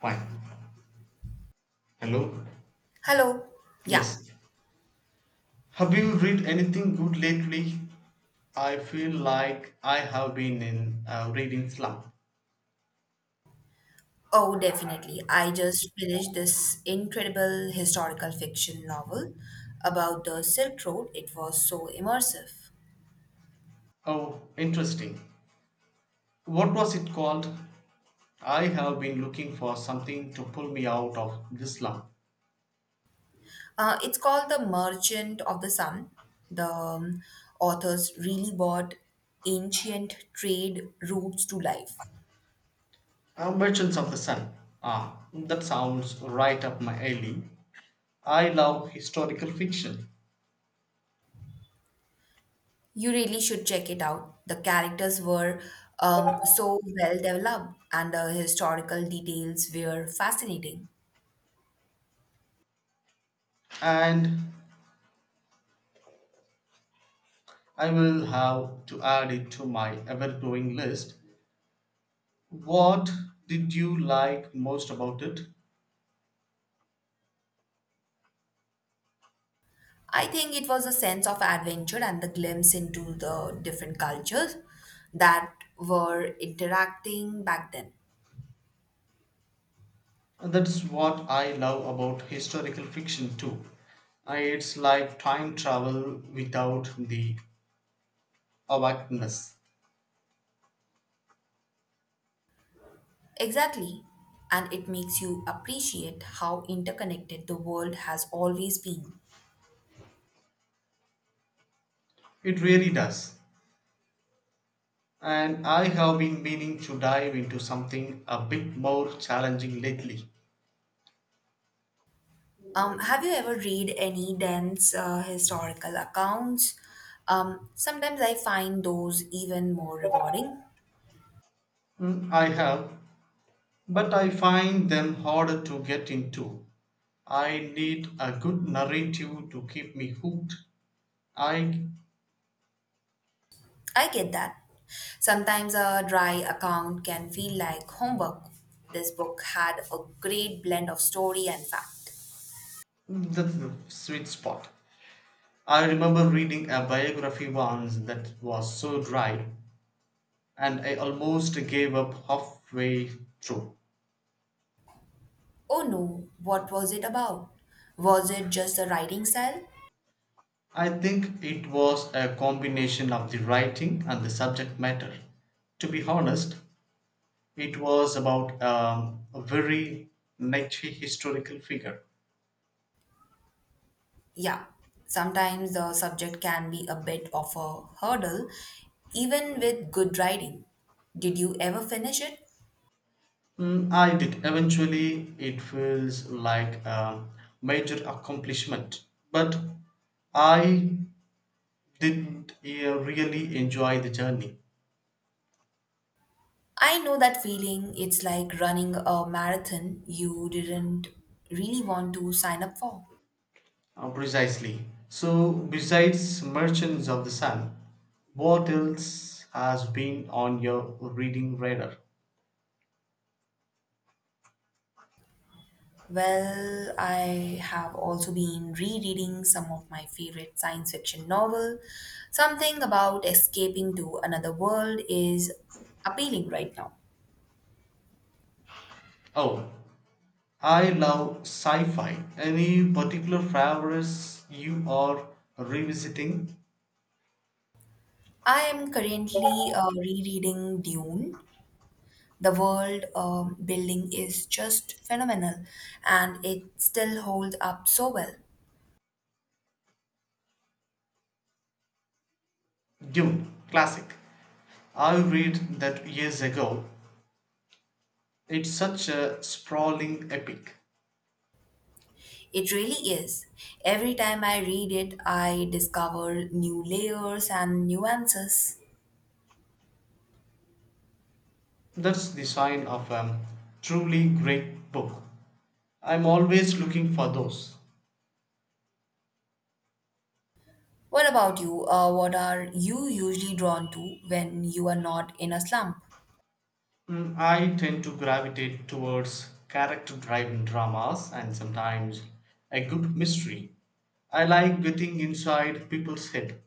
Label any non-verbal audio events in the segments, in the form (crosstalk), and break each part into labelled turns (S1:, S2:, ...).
S1: Fine. Hello?
S2: Hello. Yeah.
S1: Yes. Have you read anything good lately? I feel like I have been in a reading slump.
S2: Oh, definitely. I just finished this incredible historical fiction novel about the Silk Road. It was so immersive.
S1: Oh, interesting. What was it called? I have been looking for something to pull me out of this slump.
S2: It's called The Merchant of the Sun. The authors really brought ancient trade routes to life.
S1: Merchants of the Sun. Ah, that sounds right up my alley. I love historical fiction,
S2: You really should check it out. The characters were so well developed, and the historical details were fascinating.
S1: and I will have to add it to my ever growing list. What did you like most about it?
S2: I think it was a sense of adventure and the glimpse into the different cultures that were interacting back then.
S1: That's what I love about historical fiction too. It's like time travel without the awakeness.
S2: Exactly. And it makes you appreciate how interconnected the world has always been.
S1: It really does. And I have been meaning to dive into something a bit more challenging lately.
S2: Have you ever read any dense historical accounts? Sometimes I find those even more rewarding.
S1: Mm, I have, but I find them harder to get into. I need a good narrative to keep me hooked. I
S2: I get that. Sometimes a dry account can feel like homework. This book had a great blend of story and fact.
S1: that's the sweet spot. I remember reading a biography once that was so dry, and I almost gave up halfway through.
S2: Oh no, what was it about? Was it just the writing style?
S1: I think it was a combination of the writing and the subject matter. To be honest, it was about a very niche historical figure.
S2: Yeah, sometimes the subject can be a bit of a hurdle, even with good writing. Did you ever finish it?
S1: Mm, I did. Eventually, it feels like a major accomplishment, but I didn't really enjoy the journey.
S2: I know that feeling. It's like running a marathon you didn't really want to sign up for.
S1: Precisely. So, besides Merchants of the Sun, what else has been on your reading radar?
S2: Well, I have also been rereading some of my favorite science fiction novel. Something about escaping to another world is appealing right now.
S1: Oh, I love sci fi. Any particular favorites you are revisiting?
S2: I am currently rereading Dune. The world building is just phenomenal and it still holds up so well.
S1: Dune, classic. I read that years ago. It's such a sprawling epic.
S2: It really is. Every time I read it, I discover new layers and nuances.
S1: That's the sign of a truly great book. I'm always looking for those.
S2: What about you? What are you usually drawn to when you are not in a slump?
S1: Mm, I tend to gravitate towards character driven dramas and sometimes a good mystery. I like getting inside people's head.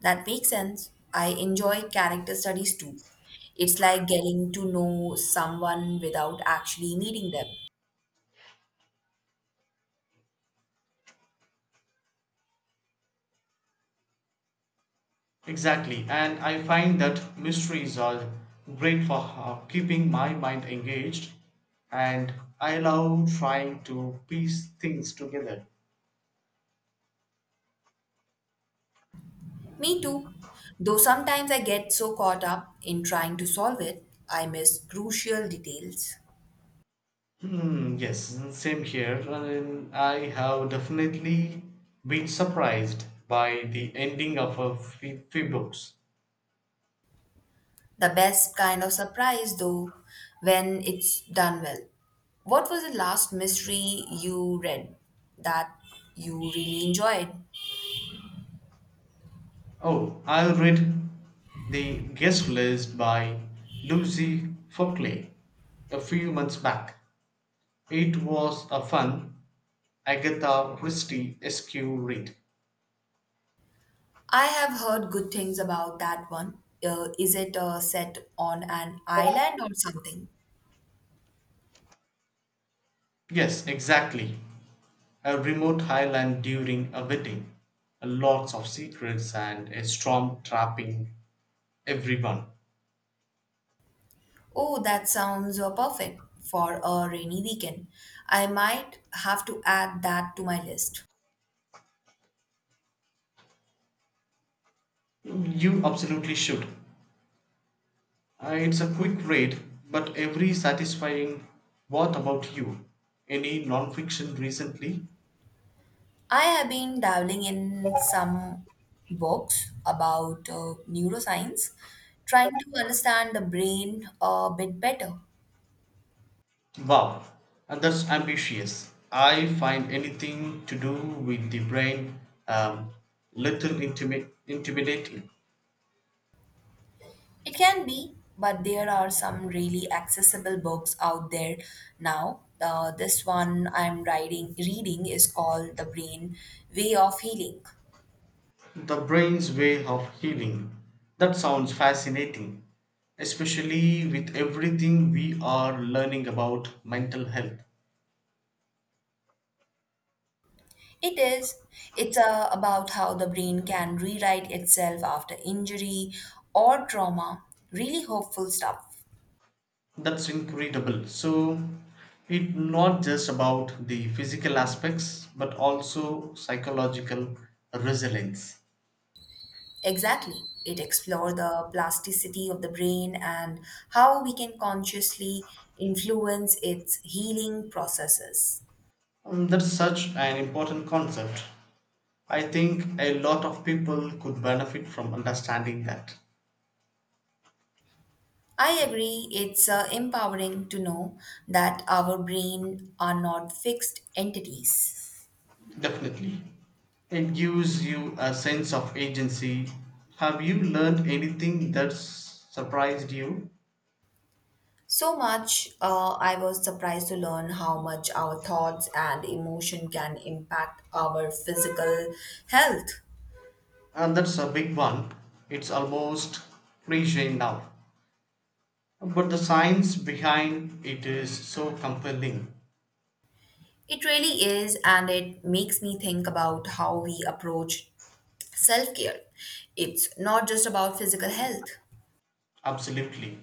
S2: That makes sense. I enjoy character studies too. It's like getting to know someone without actually meeting them.
S1: Exactly, and I find that mysteries are great for keeping my mind engaged, and I love trying to piece things together.
S2: Me too. Though sometimes I get so caught up in trying to solve it, I miss crucial details.
S1: Hmm, yes, same here. And I have definitely been surprised by the ending of a few books.
S2: The best kind of surprise, though, when it's done well. What was the last mystery you read that you really enjoyed?
S1: Oh, I read The Guest List by Lucy Fockley a few months back. It was a fun Agatha Christie esque read.
S2: I have heard good things about that one. Is it set on an island or something?
S1: Yes, exactly. A remote highland during a wedding. Lots of secrets and a storm trapping everyone.
S2: Oh, that sounds perfect for a rainy weekend. I might have to add that to my list.
S1: You absolutely should. It's a quick read, but every satisfying. What about you? Any non-fiction recently?
S2: I have been dabbling in some books about neuroscience, trying to understand the brain a bit better.
S1: Wow, and that's ambitious. I find anything to do with the brain um, little intimidating.
S2: It can be, but there are some really accessible books out there now. This one reading is called The Brain Way of Healing.
S1: The brain's way of healing. That sounds fascinating, especially with everything we are learning about mental health.
S2: It is. It's about how the brain can rewrite itself after injury or trauma. Really hopeful stuff.
S1: That's incredible. So, it's not just about the physical aspects, but also psychological resilience.
S2: Exactly. It explores the plasticity of the brain and how we can consciously influence its healing processes.
S1: That's such an important concept. I think a lot of people could benefit from understanding that.
S2: I agree, it's empowering to know that our brain are not fixed entities.
S1: Definitely. It gives you a sense of agency. Have you learned anything that's surprised you?
S2: So much, I was surprised to learn how much our thoughts and emotion can impact our physical health.
S1: And that's a big one. It's almost cliche now. But the science behind it is so compelling.
S2: It really is, and it makes me think about how we approach self care. It's not just about physical health.
S1: Absolutely.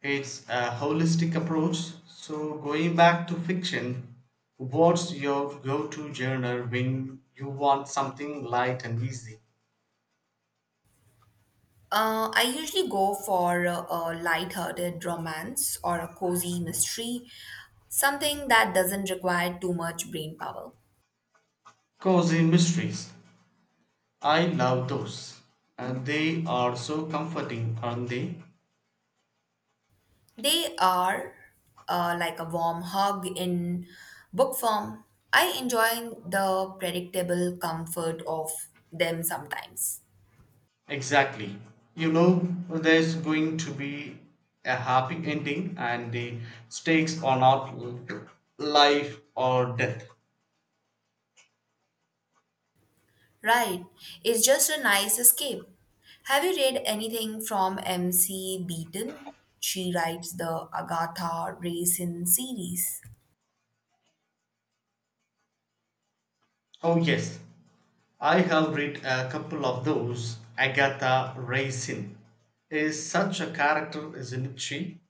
S1: It's a holistic approach. So, going back to fiction, what's your go to genre when you want something light and easy?
S2: I usually go for a light-hearted romance or a cozy mystery, something that doesn't require too much brain power.
S1: Cozy mysteries. I love those. And they are so comforting, aren't they?
S2: They are like a warm hug in book form. I enjoy the predictable comfort of them sometimes.
S1: Exactly. You know, there's going to be a happy ending, and the stakes are not life or death.
S2: Right, it's just a nice escape. Have you read anything from M.C. Beaton? She writes the Agatha Raisin series.
S1: Oh, yes. I have read a couple of those. Agatha Raisin is such a character, isn't she?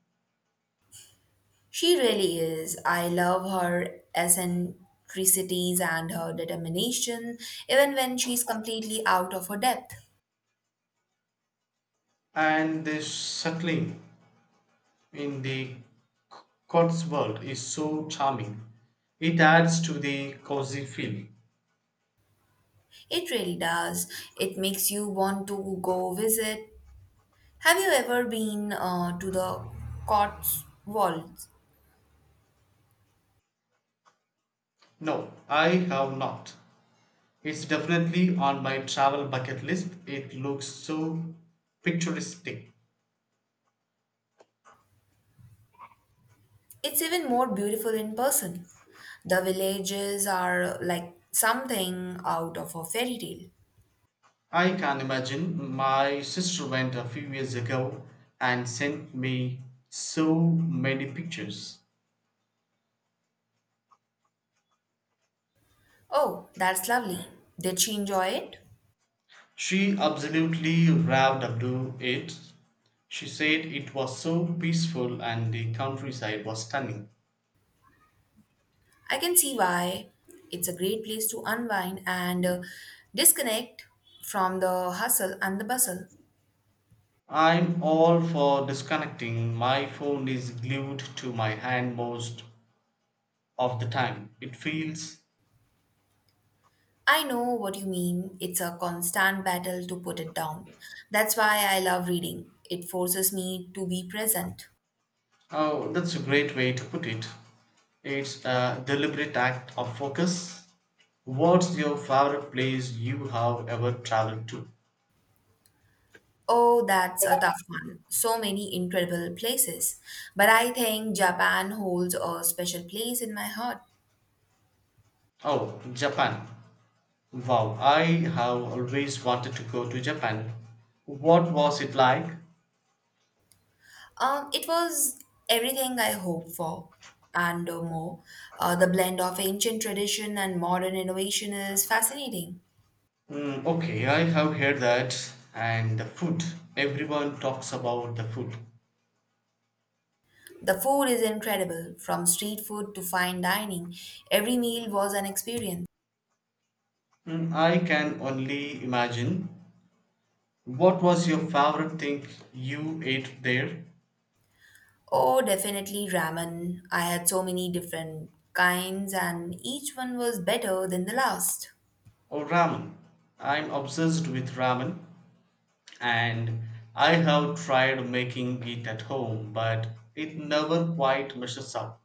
S2: She really is. I love her eccentricities and her determination, even when she's completely out of her depth.
S1: And the settling in the world is so charming. It adds to the cozy feel.
S2: It really does. It makes you want to go visit. Have you ever been to the Cotswolds?
S1: No, I have not. It's definitely on my travel bucket list. It looks so picturesque.
S2: It's even more beautiful in person. The villages are like something out of a fairy tale.
S1: I can imagine. My sister went a few years ago and sent me so many pictures.
S2: Oh, that's lovely. Did she enjoy it?
S1: She absolutely raved about it. She said it was so peaceful and the countryside was stunning.
S2: I can see why it's a great place to unwind and disconnect from the hustle and the bustle.
S1: I'm all for disconnecting. My phone is glued to my hand most of the time. It feels
S2: I know what you mean. It's a constant battle to put it down. That's why I love reading. It forces me to be present.
S1: oh, that's a great way to put it. It's a deliberate act of focus. What's your favorite place you have ever traveled to?
S2: Oh, that's a tough one. So many incredible places. But I think Japan holds a special place in my heart.
S1: Oh, Japan. Wow, I have always wanted to go to Japan. What was it like?
S2: It was everything I hoped for and more. The blend of ancient tradition and modern innovation is fascinating.
S1: Mm, okay, I have heard that. And the food. Everyone talks about the food.
S2: The food is incredible, from street food to fine dining. Every meal was an experience.
S1: Mm, I can only imagine. What was your favorite thing you ate there?
S2: Oh, definitely ramen. I had so many different kinds, and each one was better than the last.
S1: Oh, ramen. I'm obsessed with ramen and I have tried making it at home, but it never quite measures up.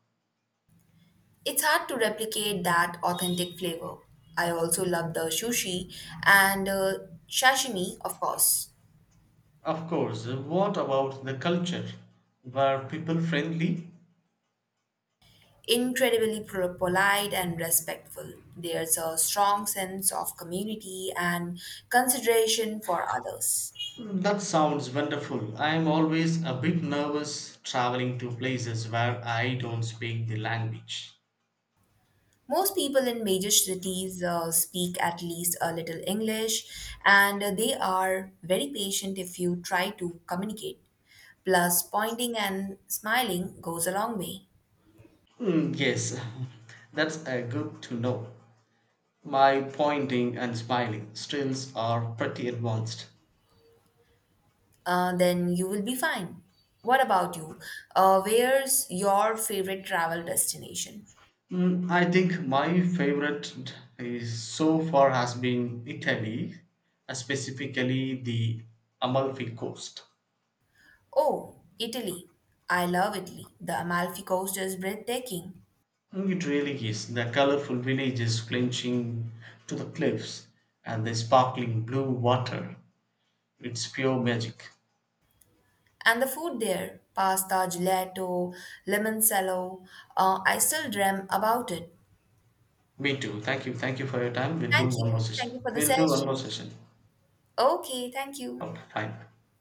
S2: It's hard to replicate that authentic flavor. I also love the sushi and sashimi, of course.
S1: Of course, what about the culture? Were people friendly?
S2: Incredibly polite and respectful. There's a strong sense of community and consideration for others.
S1: That sounds wonderful. I'm always a bit nervous traveling to places where I don't speak the language.
S2: Most people in major cities speak at least a little English, and they are very patient if you try to communicate. Plus, pointing and smiling goes a long way.
S1: Mm, yes, (laughs) that's good to know. My pointing and smiling skills are pretty advanced.
S2: Then you will be fine. What about you? Where's your favorite travel destination?
S1: Mm, I think my favorite is so far has been Italy, specifically the Amalfi Coast.
S2: Oh, Italy. I love Italy. The Amalfi Coast is breathtaking.
S1: Mm, it really is the colorful villages flinching to the cliffs and the sparkling blue water. It's pure magic.
S2: And the food there, pasta, gelato, limoncello, I still dream about it.
S1: Me too. Thank you. Thank you for your time. We'll do
S2: Thank
S1: one more
S2: you.
S1: session.
S2: Thank you for the
S1: We'll do one
S2: session.
S1: more session.
S2: Okay, thank you.
S1: Okay, fine.